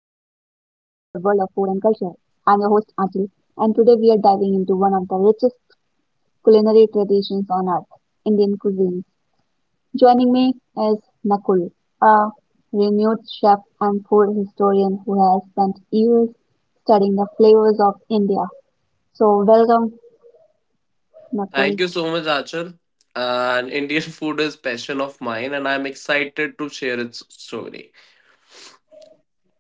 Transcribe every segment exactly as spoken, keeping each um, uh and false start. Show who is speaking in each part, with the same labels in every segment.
Speaker 1: of food and culture. I'm your host, Anjali, and today we are diving into one of the richest culinary traditions on earth, Indian cuisine. Joining me is Nakul, a renowned chef and food historian who has spent years studying the flavors of India. So, welcome, Nakul.
Speaker 2: Thank you so much, Achal. And Indian food is passion of mine, and I'm excited to share its story.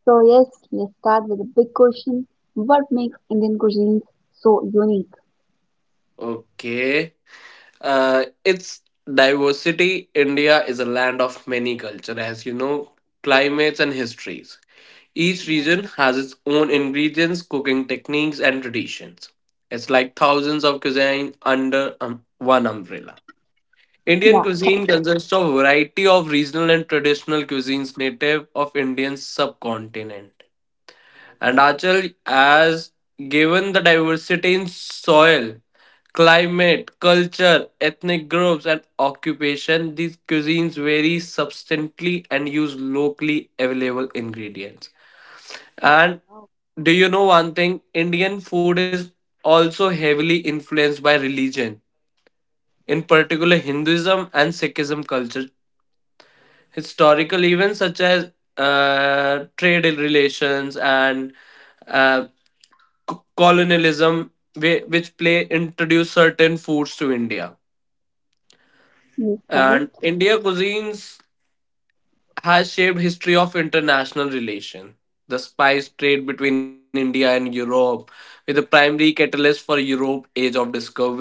Speaker 1: So, yes, let's start with a big question. What makes Indian cuisine so unique?
Speaker 2: Okay, uh, it's diversity. India is a land of many culture, as you know, climates and histories. Each
Speaker 1: Yeah,
Speaker 2: region has its own ingredients, cooking techniques, and traditions. It's like thousands of cuisine under um, one umbrella. Indian
Speaker 1: yeah,
Speaker 2: cuisine
Speaker 1: correct.
Speaker 2: consists of a variety of regional and traditional cuisines native of Indian subcontinent. And Achal, as given the diversity in soil, climate, culture, ethnic groups, and occupation, these cuisines vary substantially and use locally available ingredients. And do you know one thing? Indian food is also heavily influenced by religion, in particular Hinduism and Sikhism culture. Historical events such as uh, trade relations and uh, c- colonialism whi- which play introduced certain foods to India,
Speaker 1: Yes,
Speaker 2: and
Speaker 1: correct.
Speaker 2: India cuisines has shaped history of international relation. The spice trade between India and Europe with the primary catalyst for Europe age of discovery.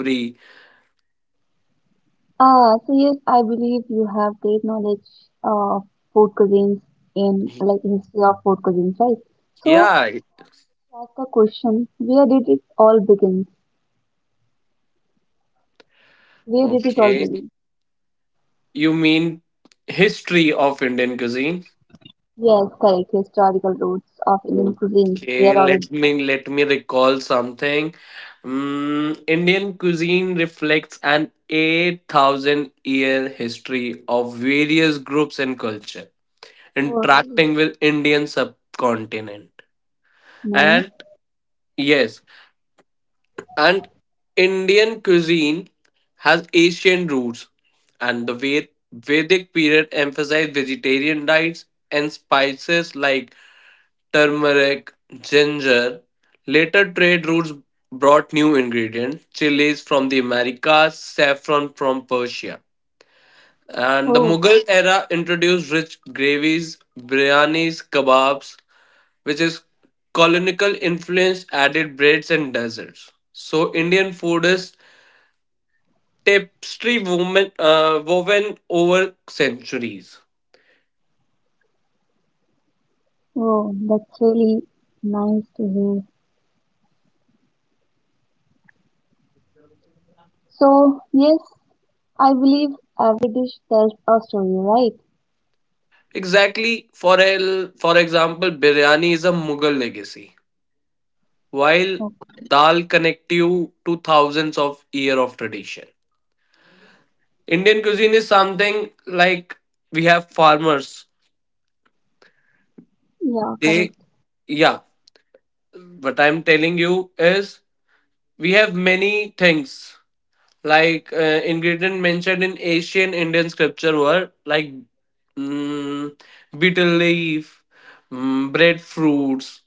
Speaker 1: Uh, so yes, I believe you have great knowledge of food cuisines in like history of food cuisines, right? So
Speaker 2: Yeah.
Speaker 1: that's the question. Where did it all begin? Where did it all
Speaker 2: Okay,
Speaker 1: begin?
Speaker 2: you mean history of Indian cuisine?
Speaker 1: Yes, correct. Historical roots of Indian cuisines.
Speaker 2: Okay,
Speaker 1: Where all
Speaker 2: let
Speaker 1: it.
Speaker 2: me let me recall something. Mm, Indian cuisine reflects an eight thousand year history of various groups and culture
Speaker 1: Oh, really
Speaker 2: interacting with Indian subcontinent.
Speaker 1: nice.
Speaker 2: And yes, and Indian cuisine has Asian roots, and the Ved- Vedic period emphasized vegetarian diets and spices like turmeric, ginger. Later trade routes brought new ingredients, chilies from the Americas, saffron from Persia. And the
Speaker 1: Oh,
Speaker 2: Mughal era introduced rich gravies, biryanis, kebabs, which is colonial influence added breads and desserts. So Indian food is tapestry woven, uh, woven over centuries.
Speaker 1: oh, that's really nice to hear. So yes, I believe every dish tells a story, right?
Speaker 2: Exactly. For el- for example, biryani is a Mughal legacy, while
Speaker 1: Okay.
Speaker 2: dal connect you to thousands of year of tradition. Indian cuisine is something like we have farmers.
Speaker 1: Yeah, correct.
Speaker 2: They yeah, what I'm telling you is we have many things like uh, ingredient mentioned in ancient Indian scripture were like mm, betel leaf, mm, breadfruits,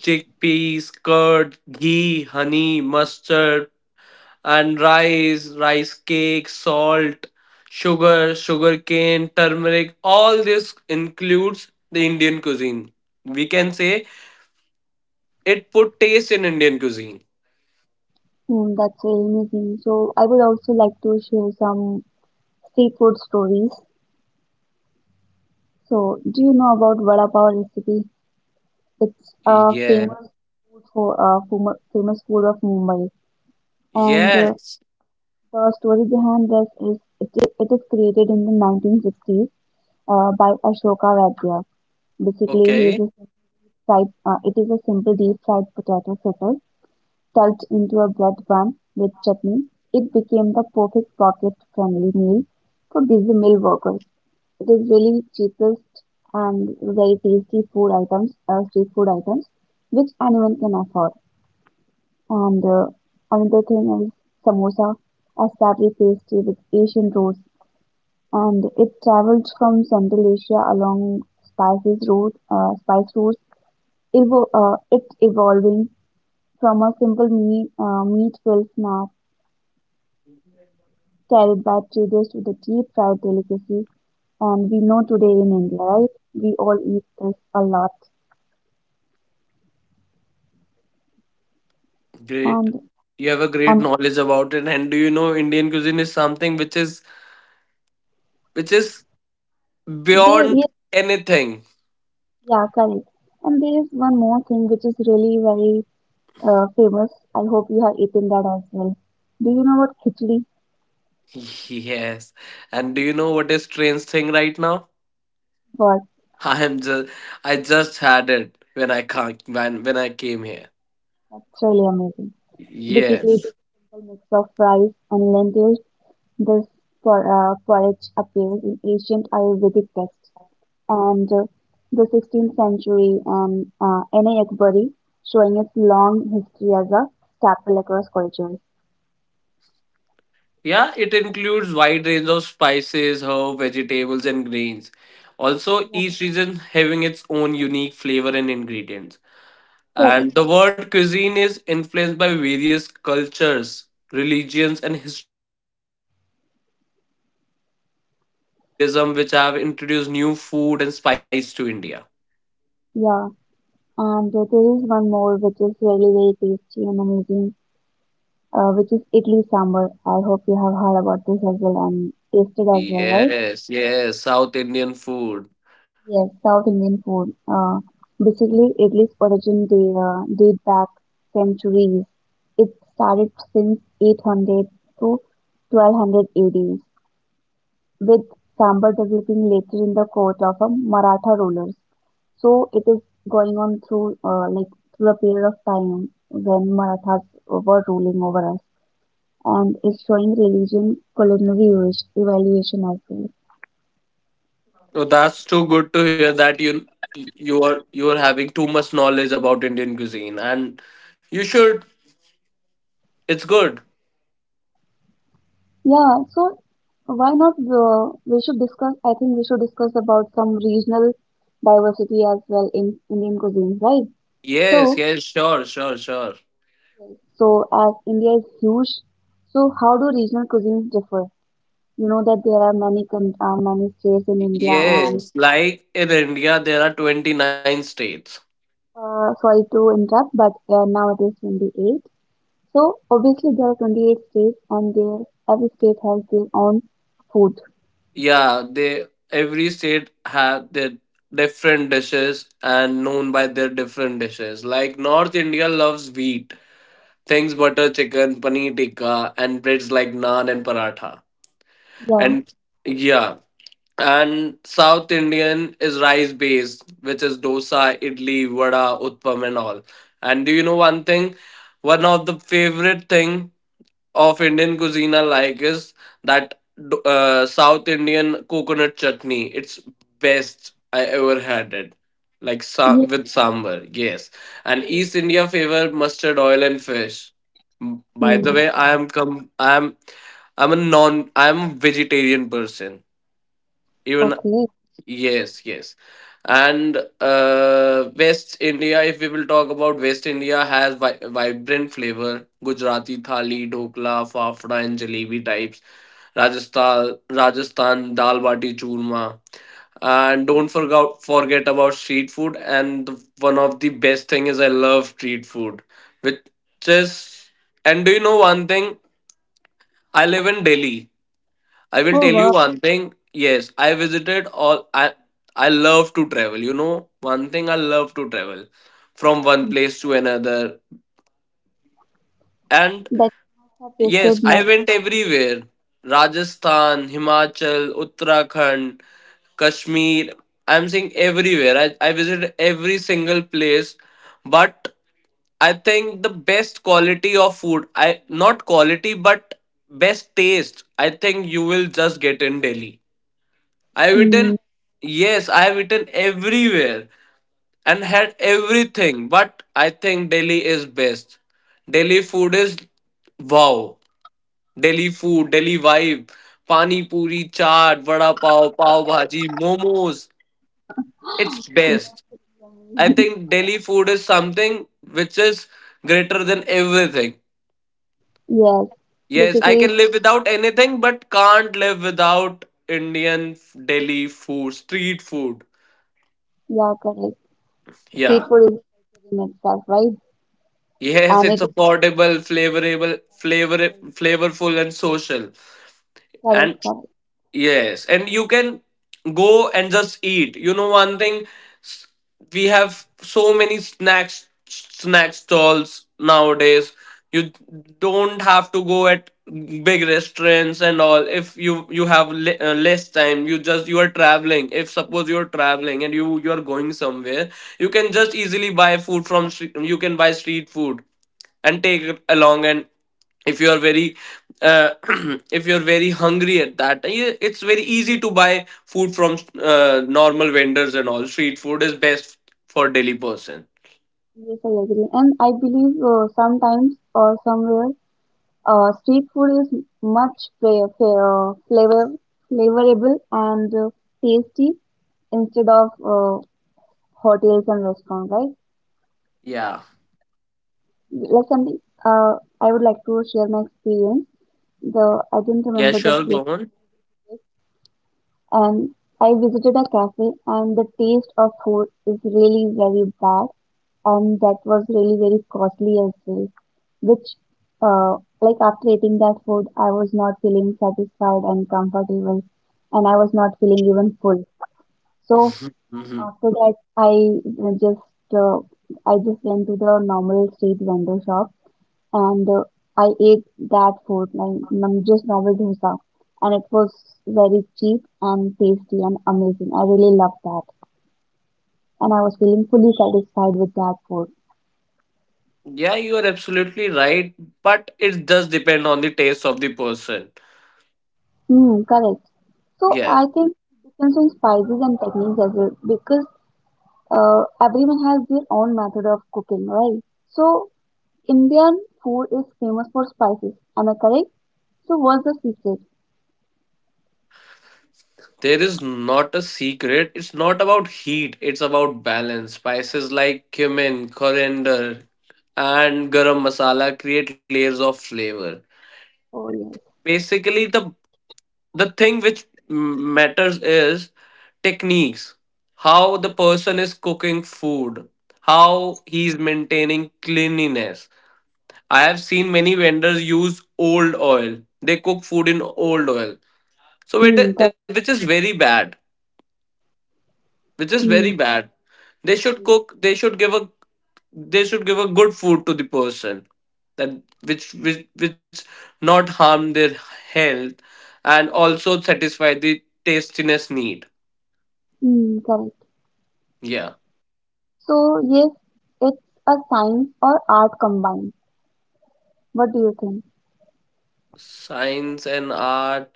Speaker 2: chickpeas, curd, ghee, honey, mustard, and rice, rice cake, salt, sugar, sugarcane, turmeric. All this includes the Indian cuisine. We can say it put taste in Indian cuisine.
Speaker 1: Mm, that's very amazing. So I would also like to share some street food stories. So do you know about vada pav recipe? It's a
Speaker 2: Yeah.
Speaker 1: famous food for uh, famo- famous food of Mumbai, and uh,
Speaker 2: Yes.
Speaker 1: the story behind this is it, i- it is created in the nineteen sixties uh, by Ashoka Vaidya. Basically, he
Speaker 2: Okay.
Speaker 1: is a sim- fried, uh, it is a simple deep fried potato fritter tucked into a bread bun with chutney, it became the perfect pocket-friendly meal for busy mill workers. It is really cheapest and very tasty food items, uh, street food items, which anyone can afford. And uh, another thing is samosa, a savory pastry with Asian roots, and it travels from Central Asia along spices route, uh, spice routes, evo- uh, it evolving from a simple meat, uh, meat-filled snack carried by traders with a deep fried delicacy. And we know today in India, right? We all eat this a lot.
Speaker 2: Great.
Speaker 1: And
Speaker 2: You have a great
Speaker 1: and
Speaker 2: knowledge about it. And do you know Indian cuisine is something which is which is
Speaker 1: there
Speaker 2: beyond
Speaker 1: is
Speaker 2: anything?
Speaker 1: yeah, correct. And there is one more thing which is really very uh, famous. I hope you have eaten that as well. Do you know what khichdi
Speaker 2: Yes. And do you know what is strange thing right now?
Speaker 1: was?
Speaker 2: I'm just I just had it when I ca- when when I came here.
Speaker 1: That's really amazing. Basically, it's a
Speaker 2: Yes.
Speaker 1: simple mix of rice and lentils. This por- uh, porridge appears in ancient Ayurvedic texts and uh, the sixteenth century and uh, N A. Akbari, showing its long history as a staple across cultures.
Speaker 2: Yeah, it includes wide range of spices, herbs, vegetables and grains. Also,
Speaker 1: Yeah,
Speaker 2: each region having its own unique flavor and ingredients. And the
Speaker 1: correct.
Speaker 2: word cuisine is influenced by various cultures, religions and historical events such as trade and colonialism which have introduced new food and spice to India.
Speaker 1: Yeah, and uh, there is one more which is really very tasty and amazing, uh, which is idli sambar. I hope you have heard about this as well and tasted as well, right?
Speaker 2: Yes, yes, South Indian food.
Speaker 1: Yes, South Indian food. Uh, basically, idli's origin they uh, date back centuries. It started since eight hundred to twelve hundred A D. With Sambar developing later in the court of a Maratha rulers. So it is going on through uh, like through a period of time when Marathas were ruling over us, and it's showing religion culinary ev- evaluation as well.
Speaker 2: Oh, that's too good to hear that you you are you are having too much knowledge about Indian cuisine, and you should. It's good.
Speaker 1: Yeah, so why not? Uh, we should discuss. I think we should discuss about some regional diversity as well in Indian cuisine, right?
Speaker 2: Yes,
Speaker 1: So,
Speaker 2: yes, sure, sure, sure.
Speaker 1: so as India is huge, so how do regional cuisines differ? You know that there are many con- uh, many states in India, and
Speaker 2: Yes, like in India, there are twenty-nine states.
Speaker 1: uh, sorry to interrupt, but uh, now it is twenty-eight. So obviously there are twenty-eight states, and there every state has their own food.
Speaker 2: Yeah, they every state have their different dishes and known by their different dishes. Like North India loves wheat things, butter chicken, paneer tikka, and breads like naan and paratha.
Speaker 1: Yeah.
Speaker 2: And yeah, and South Indian is rice based, which is dosa, idli, vada, utpam, and all. And do you know one thing? One of the favorite thing of Indian cuisine I like is that uh, South Indian coconut chutney. It's best I ever had it. Like sa-
Speaker 1: Yeah.
Speaker 2: with sambar, yes. And East India favor mustard oil and fish. M- By the
Speaker 1: Mm.
Speaker 2: way, I am com- I am I'm a non I'm a vegetarian person. Even
Speaker 1: Okay.
Speaker 2: yes, yes. And uh, West India, if we will talk about West India, has vi- vibrant flavor. Gujarati thali, dokla, fafda, and jalebi types. Rajasthan, Rajasthan dal bati churma. And don't forget forget about street food. And the, one of the best thing is I love street food, which is. And do you know one thing? I live in Delhi. I will
Speaker 1: Oh,
Speaker 2: tell you
Speaker 1: wow.
Speaker 2: one thing. Yes, I visited all. I I love to travel. You know, one thing I love to travel from one
Speaker 1: Mm.
Speaker 2: place to another. And
Speaker 1: That I have
Speaker 2: yes,
Speaker 1: tasted
Speaker 2: I
Speaker 1: many.
Speaker 2: went everywhere: Rajasthan, Himachal, Uttarakhand, Kashmir. I'm saying everywhere. I I visited every single place, but I think the best quality of food. I not quality, but best taste. I think you will just get in Delhi. I have
Speaker 1: Mm.
Speaker 2: eaten, yes, I have eaten everywhere and had everything, but I think Delhi is best. Delhi food is wow. Delhi food, Delhi vibe, pani puri, chaat, vada pav, pav bhaji, momos. It's best. I think Delhi food is something which is greater than everything.
Speaker 1: Yes.
Speaker 2: Yes, I
Speaker 1: Basically,
Speaker 2: can live without anything, but can't live without Indian f- Delhi food, street food.
Speaker 1: yeah, correct. Street
Speaker 2: Yeah.
Speaker 1: food is in itself, right?
Speaker 2: Yes,
Speaker 1: And
Speaker 2: it's
Speaker 1: it is
Speaker 2: affordable, flavorable, flavor, flavorful, and social.
Speaker 1: correct,
Speaker 2: And
Speaker 1: correct.
Speaker 2: yes, and you can go and just eat. You know, one thing, s- we have so many snacks, snack stalls nowadays. You don't have to go at big restaurants and all. If you you have le uh, less time, you just you are traveling. If suppose you are traveling and you you are going somewhere, you can just easily buy food from stre- you can buy street food and take it along and if you are very uh, if you are very hungry at that time, yeah, it's very easy to buy food from uh, normal vendors and all. Street food is best for daily person.
Speaker 1: Yes, I agree. And I believe uh, sometimes or somewhere, Uh, street food is much fa- fa- uh, flavor flavorable and uh, tasty instead of uh, hotels and restaurants, right?
Speaker 2: Yeah.
Speaker 1: Like something, uh, I would like to share my experience. The I didn't
Speaker 2: Yeah,
Speaker 1: remember the
Speaker 2: sure,
Speaker 1: place,
Speaker 2: go on.
Speaker 1: and I visited a cafe, and the taste of food is really very bad, and that was really very costly as well, which, uh, like, after eating that food, I was not feeling satisfied and comfortable, and I was not feeling even full. So
Speaker 2: Mhm.
Speaker 1: after that, i uh, just uh, i just went to the normal street vendor shop, and uh, I ate that food like num- just normal dosa, and it was very cheap and tasty and amazing. I really loved that, and I was feeling fully satisfied with that food.
Speaker 2: Yeah, you are absolutely right, but it does depend on the taste of the person.
Speaker 1: Hmm, correct. So
Speaker 2: Yes.
Speaker 1: I think it depends on spices and techniques as well because uh, everyone has their own method of cooking, right? So Indian food is famous for spices. Am I correct? So what's the secret?
Speaker 2: There is not a secret, it's not about heat, it's about balance. Spices like cumin, coriander, and garam masala create layers of flavor.
Speaker 1: Oh, yes.
Speaker 2: Basically, the the thing which m- matters is techniques, how the person is cooking food, how he's maintaining cleanliness. I have seen many vendors use old oil, they cook food in old oil. So
Speaker 1: Hmm,
Speaker 2: it,
Speaker 1: correct.
Speaker 2: which is very bad which is very
Speaker 1: Hmm,
Speaker 2: bad.
Speaker 1: I
Speaker 2: They should
Speaker 1: agree.
Speaker 2: cook. They should give a. They should give a good food to the person that which which which not harm their health and also satisfy the tastiness need.
Speaker 1: Hmm, correct.
Speaker 2: Yeah,
Speaker 1: So yes, it's a science or art combined. What do you think?
Speaker 2: science and art.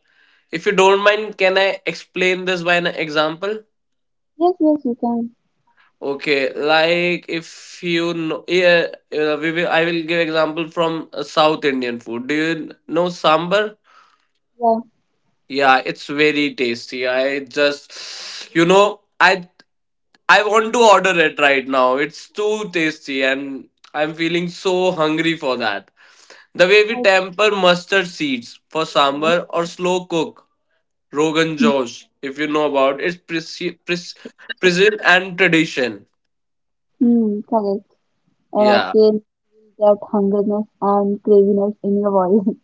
Speaker 2: If you don't mind, can I explain this by an example?
Speaker 1: Yes, yes, you can.
Speaker 2: Okay, like if you know, yeah, uh, we will, I will give example from uh, South Indian food. Do you know sambar?
Speaker 1: Yeah,
Speaker 2: Yeah, it's very tasty. I just, you know, I I want to order it right now. It's too tasty, and I'm feeling so hungry for that. The way
Speaker 1: I
Speaker 2: we
Speaker 1: can.
Speaker 2: temper mustard seeds for
Speaker 1: You know.
Speaker 2: sambar or slow cook rogan
Speaker 1: Hmm,
Speaker 2: josh, if you know about, it's preci- pres- present and tradition.
Speaker 1: hmm, correct. And I
Speaker 2: Yeah.
Speaker 1: can that hungerness and craziness in your voice.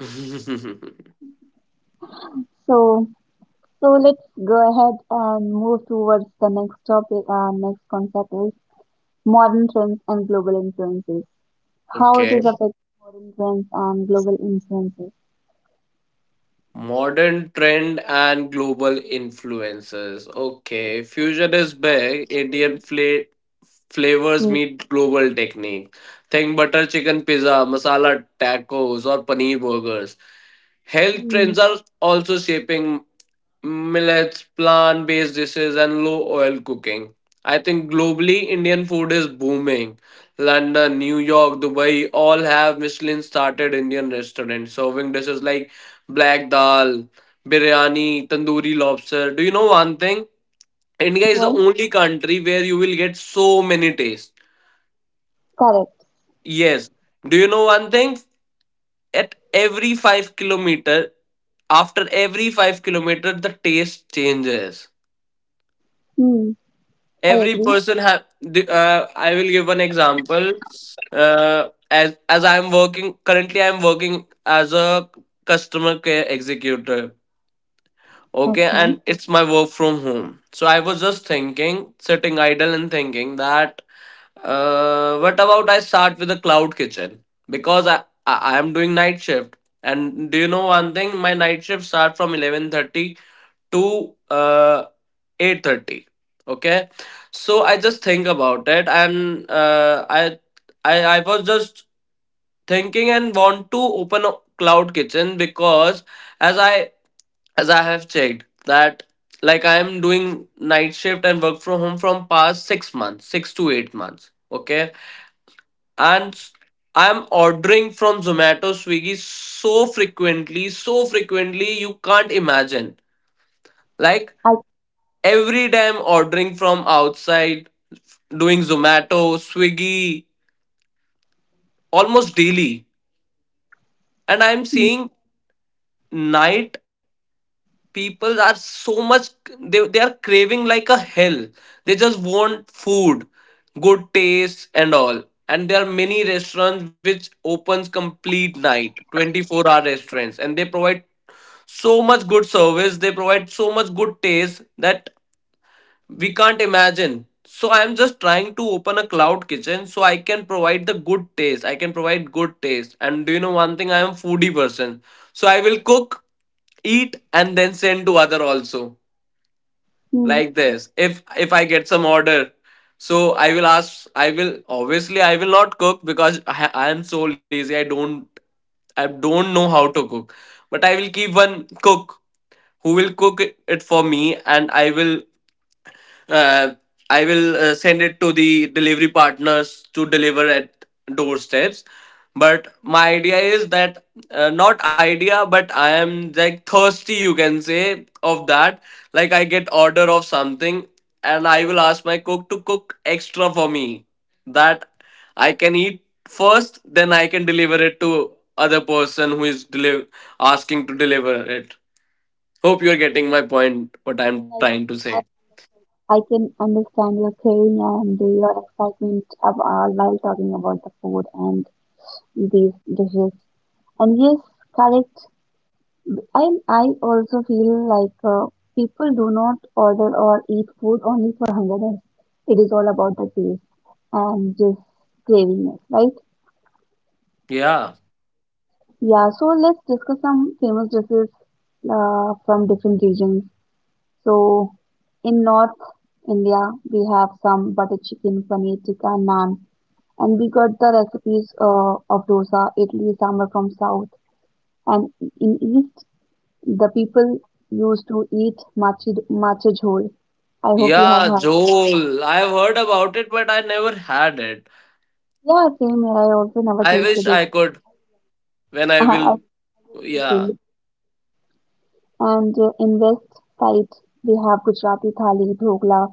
Speaker 1: So, so let's go ahead and move towards the next topic. Our next concept is modern trends and global influences. How it is
Speaker 2: Okay.
Speaker 1: affecting modern trends and global influences.
Speaker 2: Modern trend and global influences. Okay. Fusion is big. Indian fla flavors
Speaker 1: Hmm.
Speaker 2: meet global technique. Think butter chicken pizza, masala tacos, or paneer burgers. Health
Speaker 1: Hmm.
Speaker 2: trends are also shaping millets, plant based dishes, and low oil cooking. I think globally, Indian food is booming. London, New York, Dubai all have Michelin started Indian restaurants serving dishes like black dal, biryani, tandoori lobster. Do you know one thing? India is the
Speaker 1: What?
Speaker 2: only country where you will get so many tastes.
Speaker 1: Correct.
Speaker 2: Yes. Do you know one thing? At every five kilometer, after every five kilometer, the taste changes.
Speaker 1: Hmm. I
Speaker 2: Every
Speaker 1: agree.
Speaker 2: person have. Uh, I will give one example. Uh, as as I am working currently, I am working as a customer care executive. Okay,
Speaker 1: Okay.
Speaker 2: and it's my work from home, so I was just thinking sitting idle and thinking that uh, what about I start with a cloud kitchen, because i I am doing night shift. And do you know one thing? My night shift start from eleven thirty to uh, eight thirty. Okay. So I just think about it, and uh, I, I i was just thinking and want to open a cloud kitchen because as i as i have checked that, like, I am doing night shift and work from home from past six months, six to eight months. Okay. And I am ordering from Zomato, Swiggy so frequently, so frequently you can't imagine. Like
Speaker 1: I.
Speaker 2: every time ordering from outside, doing Zomato, Swiggy almost daily. And I'm
Speaker 1: Hmm.
Speaker 2: seeing night people are so much, they, they are craving like a hell. They just want food, good taste and all. And there are many restaurants which opens complete night, twenty-four hour restaurants, and they provide so much good service, they provide so much good taste that we can't imagine. So I'm just trying to open a cloud kitchen so I can provide the good taste, I can provide good taste. And do you know one thing? I am a foodie person, so I will cook, eat, and then send to other also.
Speaker 1: Hmm,
Speaker 2: Like this, if if I get some order, so i will ask i will obviously i will not cook because i, I am so lazy, i don't i don't know how to cook, but I will keep one cook who will cook it for me. And i will uh, I will uh, send it to the delivery partners to deliver at doorsteps. But my idea is that uh, not idea, but I am like thirsty, you can say, of that. Like I get order of something, and I will ask my cook to cook extra for me that I can eat first, then I can deliver it to other person who is deli- asking to deliver it. Hope you are getting my point. What I am
Speaker 1: I,
Speaker 2: trying to say.
Speaker 1: I I can understand your craving and your excitement of, uh, while talking about the food and these dishes. And yes, correct. And I also feel like uh, people do not order or eat food only for hungerness. It is all about the taste and just cravingness, right?
Speaker 2: Yeah.
Speaker 1: Yeah, so let's discuss some famous dishes uh, from different regions. So in North India, we have some butter chicken, paneer tikka, naan, and we got the recipes uh, of dosa, idli, sambar from South. And in East, the people used to eat machi macha jhol. I hope you have
Speaker 2: Yeah,
Speaker 1: heard.
Speaker 2: Joel. I've heard about it, but I never had it.
Speaker 1: Yeah, same here. I also never
Speaker 2: I wish
Speaker 1: tasted it.
Speaker 2: I could when I
Speaker 1: I
Speaker 2: will.
Speaker 1: wish the
Speaker 2: Yeah,
Speaker 1: same. And uh, in West side, we have Gujarati thali, dhokla,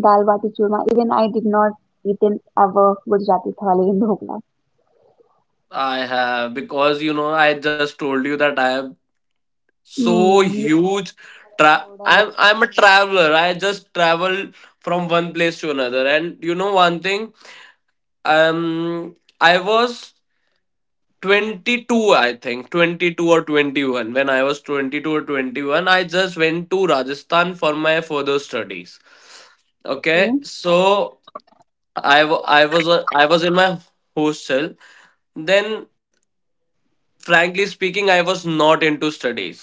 Speaker 1: dal bati churma. Even I did not eaten ever Gujarati thali and dhokla.
Speaker 2: I have. Because, you know, I just told you that I am so
Speaker 1: Hmm, you
Speaker 2: huge. Tra-
Speaker 1: told a
Speaker 2: I'm, I'm a traveler. I just travel from one place to another. And you know one thing? Um, I was twenty-two, I think. twenty-two or twenty-one. When I was twenty-two or twenty-one, I just went to Rajasthan for my further studies. Okay,
Speaker 1: very
Speaker 2: so I wa- I was a- I was in my hostel. Then, frankly speaking, I was not into studies.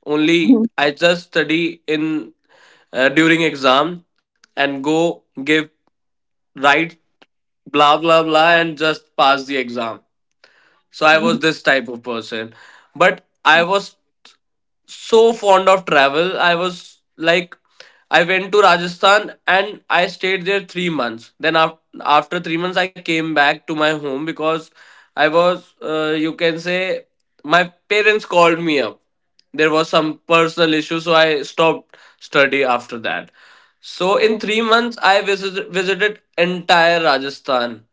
Speaker 2: Only
Speaker 1: thing.
Speaker 2: I just study in uh, during exam and go give right blah blah blah and just pass the exam. So I was this type of person, but I was so fond of travel. I was like, I went to Rajasthan and I stayed there three months. Then af- after three months, I came back to my home because I was, uh, you can say, my parents called me up. There was some personal issue, so I stopped study after that. So in three
Speaker 1: Okay.
Speaker 2: months, I visit- visited entire Rajasthan,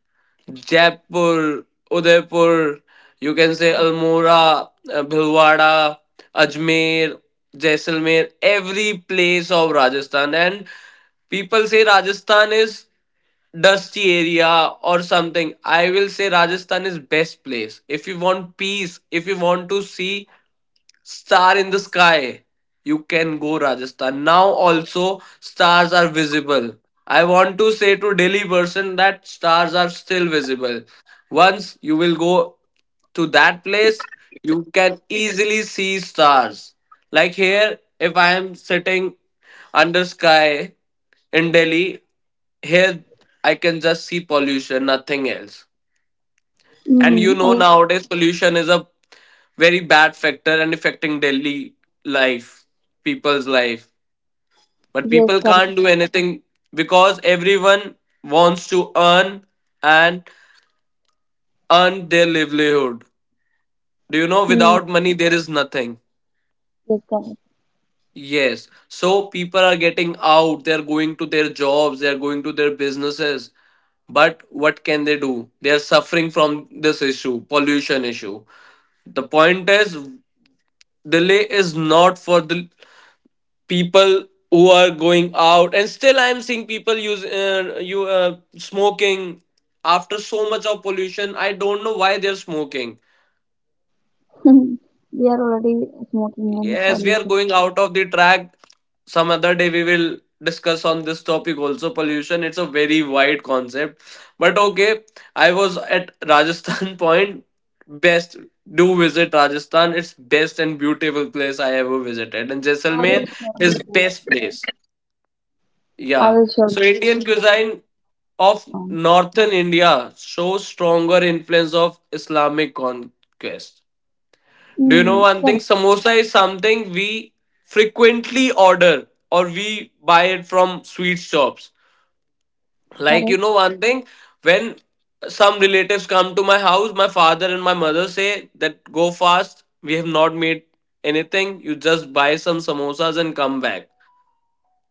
Speaker 2: Jaipur, Udaipur, you can say Almora, uh, Bhilwara, Ajmer, Jaisalmer, every place of Rajasthan. And people say Rajasthan is dusty area or something. I will say Rajasthan is best place. If you want peace, if you want to see star in the sky. You can go Rajasthan. Now also stars are visible. I want to say to Delhi person that stars are still visible. Once you will go to that place, you can easily see stars. Like here, if I am sitting under sky in Delhi, here I can just see pollution, nothing else. And you
Speaker 1: Mm,
Speaker 2: know,
Speaker 1: I
Speaker 2: nowadays pollution is a very bad factor and affecting daily life, people's life. But
Speaker 1: yes,
Speaker 2: people
Speaker 1: correct.
Speaker 2: can't do anything because everyone wants to earn and earn their livelihood. Do you know,
Speaker 1: Mm,
Speaker 2: without money, there is nothing.
Speaker 1: yes, correct.
Speaker 2: Yes. So people are getting out, they're going to their jobs, they're going to their businesses. But what can they do? They are suffering from this issue, pollution issue. The point is, delay is not for the people who are going out. And still I am seeing people use uh, you uh, smoking after so much of pollution. I don't know why they're smoking.
Speaker 1: We are already smoking and
Speaker 2: Yes, we are
Speaker 1: pollution.
Speaker 2: going out of the track. Some other day we will discuss on this topic also. Pollution, it's a very wide concept. But okay, I was at Rajasthan point. Best. Do visit Rajasthan. It's best and beautiful place I ever visited. And Jaisalmer
Speaker 1: Always smoking
Speaker 2: is
Speaker 1: food.
Speaker 2: best place.
Speaker 1: I
Speaker 2: Yeah.
Speaker 1: will surely
Speaker 2: So
Speaker 1: give
Speaker 2: Indian
Speaker 1: you one
Speaker 2: cuisine of
Speaker 1: time.
Speaker 2: northern India shows stronger influence of Islamic conquest. Do you know
Speaker 1: Mm,
Speaker 2: one thing?
Speaker 1: correct,
Speaker 2: Samosa is something we frequently order or we buy it from sweet shops. Like you
Speaker 1: correct.
Speaker 2: know one thing, when some relatives come to my house, my father and my mother say that go fast, we have not made anything, you just buy some samosas and come back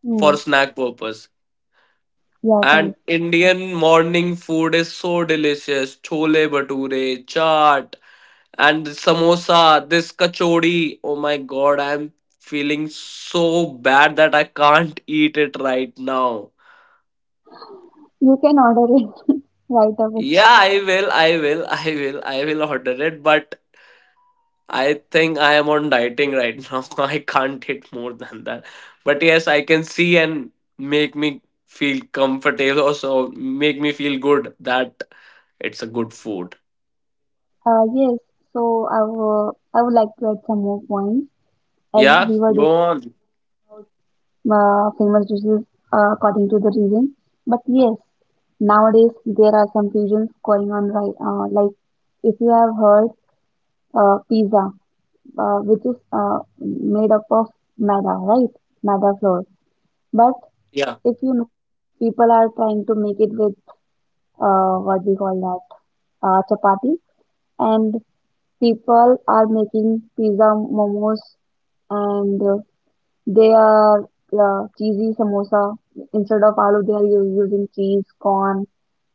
Speaker 1: Mm,
Speaker 2: for snack purpose.
Speaker 1: yeah, correct.
Speaker 2: And Indian morning food is so delicious. Chole bhature, chaat, and samosa, this kachori. Oh my god, I'm feeling so bad that I can't eat it right now.
Speaker 1: You can order it right away.
Speaker 2: Yeah, I will, I will, I will, I will order it, but I think I am on dieting right now. I can't eat more than that. But yes, I can see and make me feel comfortable, also make me feel good that it's a good food.
Speaker 1: Uh, yes. So I will, I would like to add some more points as
Speaker 2: Yeah,
Speaker 1: we were
Speaker 2: go
Speaker 1: dis
Speaker 2: on.
Speaker 1: uh, famous dishes uh, according to the region. But yes, nowadays there are some fusions going on, right. Uh, like if you have heard uh, pizza, uh, which is uh, made up of maida, right? Maida flour. But
Speaker 2: Yeah,
Speaker 1: if you know, people are trying to make it with uh, what we call that uh, chapati, and people are making pizza momos, and uh, they are uh, cheesy samosa instead of aloo, they are u- using cheese corn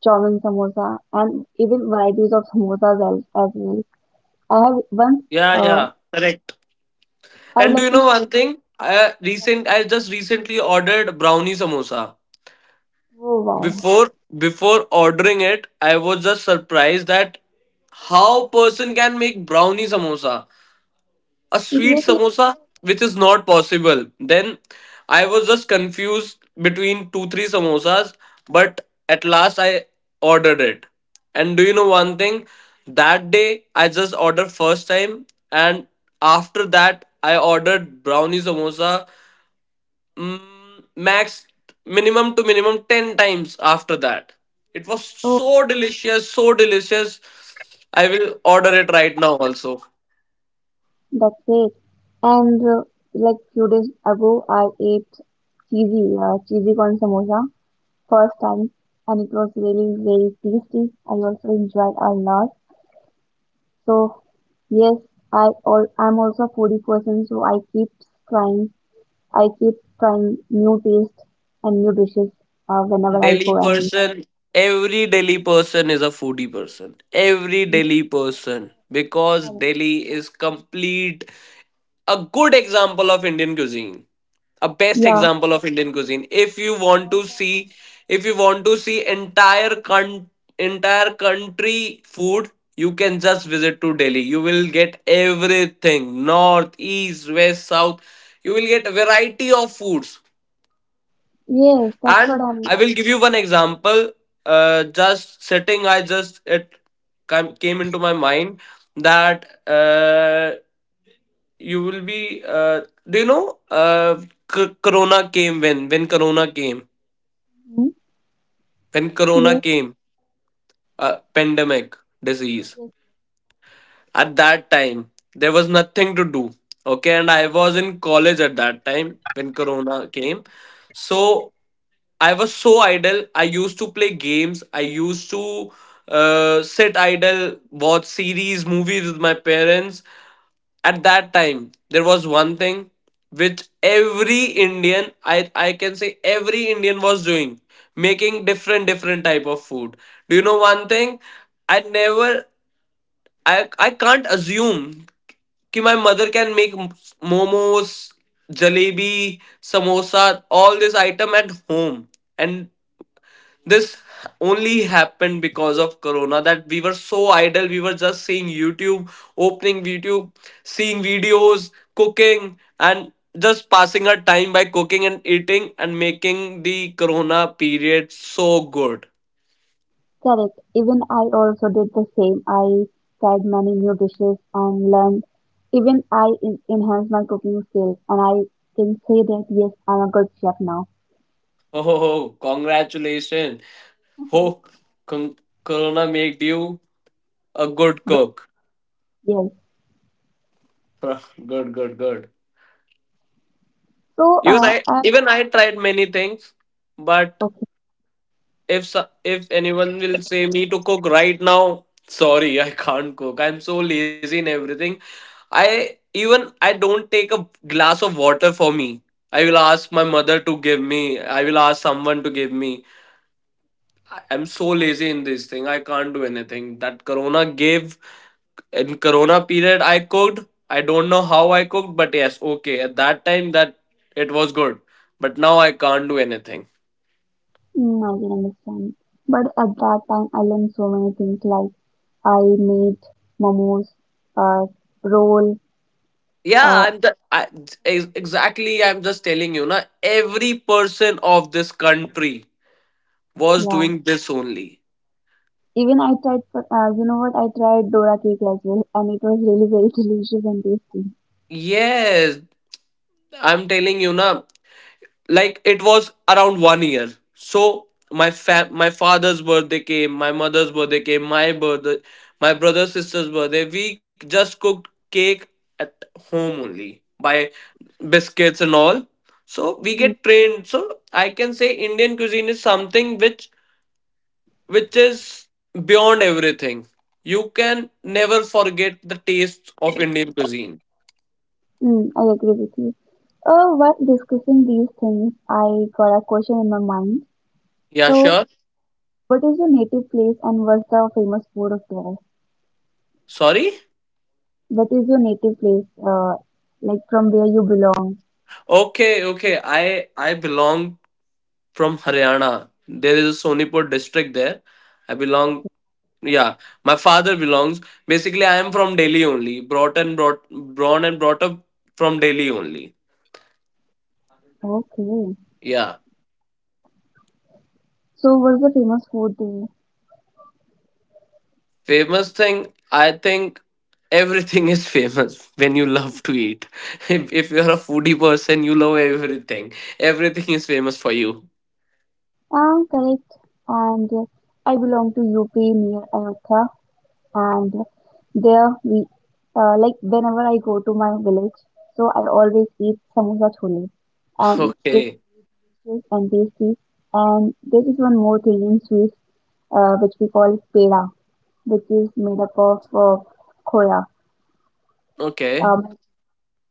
Speaker 1: chow mein samosa, and even varieties of samosas as, as well. I have once
Speaker 2: yeah,
Speaker 1: uh,
Speaker 2: yeah. Correct.
Speaker 1: I would
Speaker 2: And do
Speaker 1: like
Speaker 2: you
Speaker 1: to
Speaker 2: know
Speaker 1: share.
Speaker 2: one thing? I recent I just recently ordered brownie samosa.
Speaker 1: Oh, wow.
Speaker 2: Before before ordering it, I was just surprised that how person can make brownie samosa. A sweet
Speaker 1: Exactly.
Speaker 2: samosa, which is not possible. Then I was just confused between two three samosas. But at last I ordered it. And do you know one thing? That day I just ordered first time. And after that I ordered brownie samosa, mm, max minimum to minimum ten times after that. It was
Speaker 1: Oh,
Speaker 2: so delicious, so delicious. I will order it right now also.
Speaker 1: that's it. And uh, like, few days ago, I ate cheesy uh, cheesy corn samosa first time, and it was really very tasty. I also enjoyed a lot. So yes, I all I'm also a foodie person, so I keep trying I keep trying new taste and new dishes uh, whenever I
Speaker 2: Delhi
Speaker 1: go and
Speaker 2: person, every Delhi person is a foodie person. Every Delhi person. Because Delhi is complete, a good example of Indian cuisine. A best
Speaker 1: yeah,
Speaker 2: example of Indian cuisine. If you want to see, if you want to see entire con- entire country food, you can just visit to Delhi. You will get everything. North, east, west, south. You will get a variety of foods,
Speaker 1: yes, that's what
Speaker 2: and
Speaker 1: I'm.
Speaker 2: I will give you one example. Uh, just sitting, I just it came, came into my mind that uh, you will be. Uh, do you know? Uh, c- corona came when when Corona came
Speaker 1: Hmm?
Speaker 2: when
Speaker 1: Yes,
Speaker 2: Corona came. Uh, pandemic disease.
Speaker 1: yes,
Speaker 2: At that time, there was nothing to do. Okay, and I was in college at that time when Corona came. So I was so idle. I used to play games. I used to uh, sit idle, watch series, movies with my parents. At that time, there was one thing which every Indian, I, I can say every Indian was doing, making different different type of food. Do you know one thing? I never I I can't assume कि my mother can make momos, jalebi, samosa, all this item at home. And this only happened because of corona that we were so idle. We were just seeing YouTube, opening YouTube, seeing videos, cooking, and just passing our time by cooking and eating and making the corona period so good.
Speaker 1: correct. Even I also did the same. I tried many new dishes and learned. Even I en- enhanced my cooking skills, and I can say that yes, I'm a good chef now.
Speaker 2: Oh, congratulations.
Speaker 1: Uh-huh.
Speaker 2: Ho, con- Corona made you a good
Speaker 1: Good.
Speaker 2: cook.
Speaker 1: Yes.
Speaker 2: Good, good, good.
Speaker 1: So,
Speaker 2: Even
Speaker 1: uh,
Speaker 2: I,
Speaker 1: I,
Speaker 2: even I tried many things, but
Speaker 1: okay,
Speaker 2: if so- if anyone will say me to cook right now, sorry, I can't cook. I'm so lazy in everything. I even I don't take a glass of water for me. I will ask my mother to give me. I will ask someone to give me. I am so lazy in this thing. I can't do anything. That corona gave in corona period I cooked. I don't know how I cooked, but yes, okay. At that time that it was good. But now I can't do anything.
Speaker 1: mm, I can understand. But at that time, I learned so many things like I made momos, uh, roll,
Speaker 2: Yeah,
Speaker 1: uh,
Speaker 2: I'm the, I, ex- exactly I'm just telling you na every person of this country was
Speaker 1: yeah.
Speaker 2: doing this only.
Speaker 1: Even I tried, for- uh, you know what? I tried Dora cake as well, and it was really very delicious and tasty.
Speaker 2: Yes, I'm telling you na, like it was around one year, so my fa- my father's birthday came, my mother's birthday came, my birthday, my brother sister's birthday, we just cooked cake at home only by biscuits and all. So we
Speaker 1: Mm,
Speaker 2: get trained. So I can say Indian cuisine is something which which is beyond everything. You can never forget the taste of Indian cuisine.
Speaker 1: mm, I agree with you. Uh, while discussing these things, I got a question in my mind.
Speaker 2: Yeah,
Speaker 1: So,
Speaker 2: sure.
Speaker 1: what is your native place, and what's the famous food of there?
Speaker 2: Sorry.
Speaker 1: What is your native place? Uh, like from where you belong?
Speaker 2: Okay, okay, i i belong from Haryana. There is a Sonipur district there. I belong. Yeah, my father belongs. Basically, I am from Delhi only. Brought and brought, born and brought up from Delhi only.
Speaker 1: Okay.
Speaker 2: Yeah,
Speaker 1: So what's the famous food there?
Speaker 2: famous thing. I think everything is famous when you love to eat. If if you're a foodie person, you love everything. Everything is famous for you.
Speaker 1: Ah, correct. And uh, I belong to U P near Ayodhya, and there we uh, like, whenever I go to my village, so I always eat samosa chole, and it's really
Speaker 2: Okay.
Speaker 1: delicious and tasty. And there is one more thing in sweets, uh, which we call peda, which is made up of uh, khoya.
Speaker 2: Okay.
Speaker 1: Um,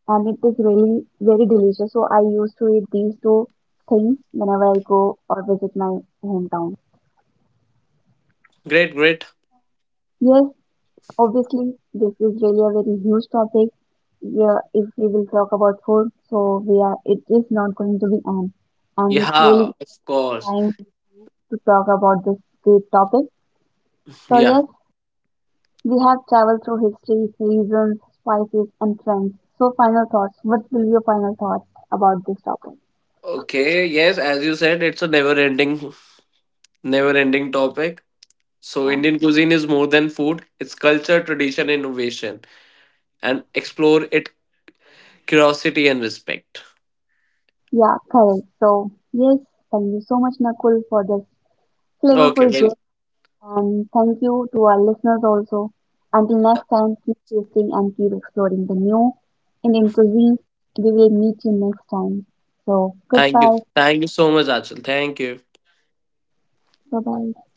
Speaker 1: and it is really very delicious. So I used to eat these two things whenever I go or visit my hometown.
Speaker 2: Great. Great.
Speaker 1: Yes, obviously this is really a very huge topic. Yeah, if we will talk about food, so we are it is not going to be end, and it's really
Speaker 2: Yeah. Of course.
Speaker 1: time to talk about this great topic. So
Speaker 2: Yeah.
Speaker 1: yes, we have traveled through history, reasons, spices, and trends. So final thoughts. What will be your final thoughts about this topic?
Speaker 2: Okay, yes, as you said, it's a never ending never ending topic. So,
Speaker 1: Yeah.
Speaker 2: Indian cuisine is more than food, it's culture, tradition, innovation, and explore it curiosity and respect.
Speaker 1: Yeah, correct. So, yes, thank you so much, Nakul, for this
Speaker 2: Okay,
Speaker 1: flavorful
Speaker 2: well,
Speaker 1: gist. And thank you to our listeners also. Until next time, keep tasting and keep exploring the new Indian cuisine. We will meet you next time. So,
Speaker 2: thank you.
Speaker 1: goodbye.
Speaker 2: Thank you so much, Achal. Thank you.
Speaker 1: Bye bye.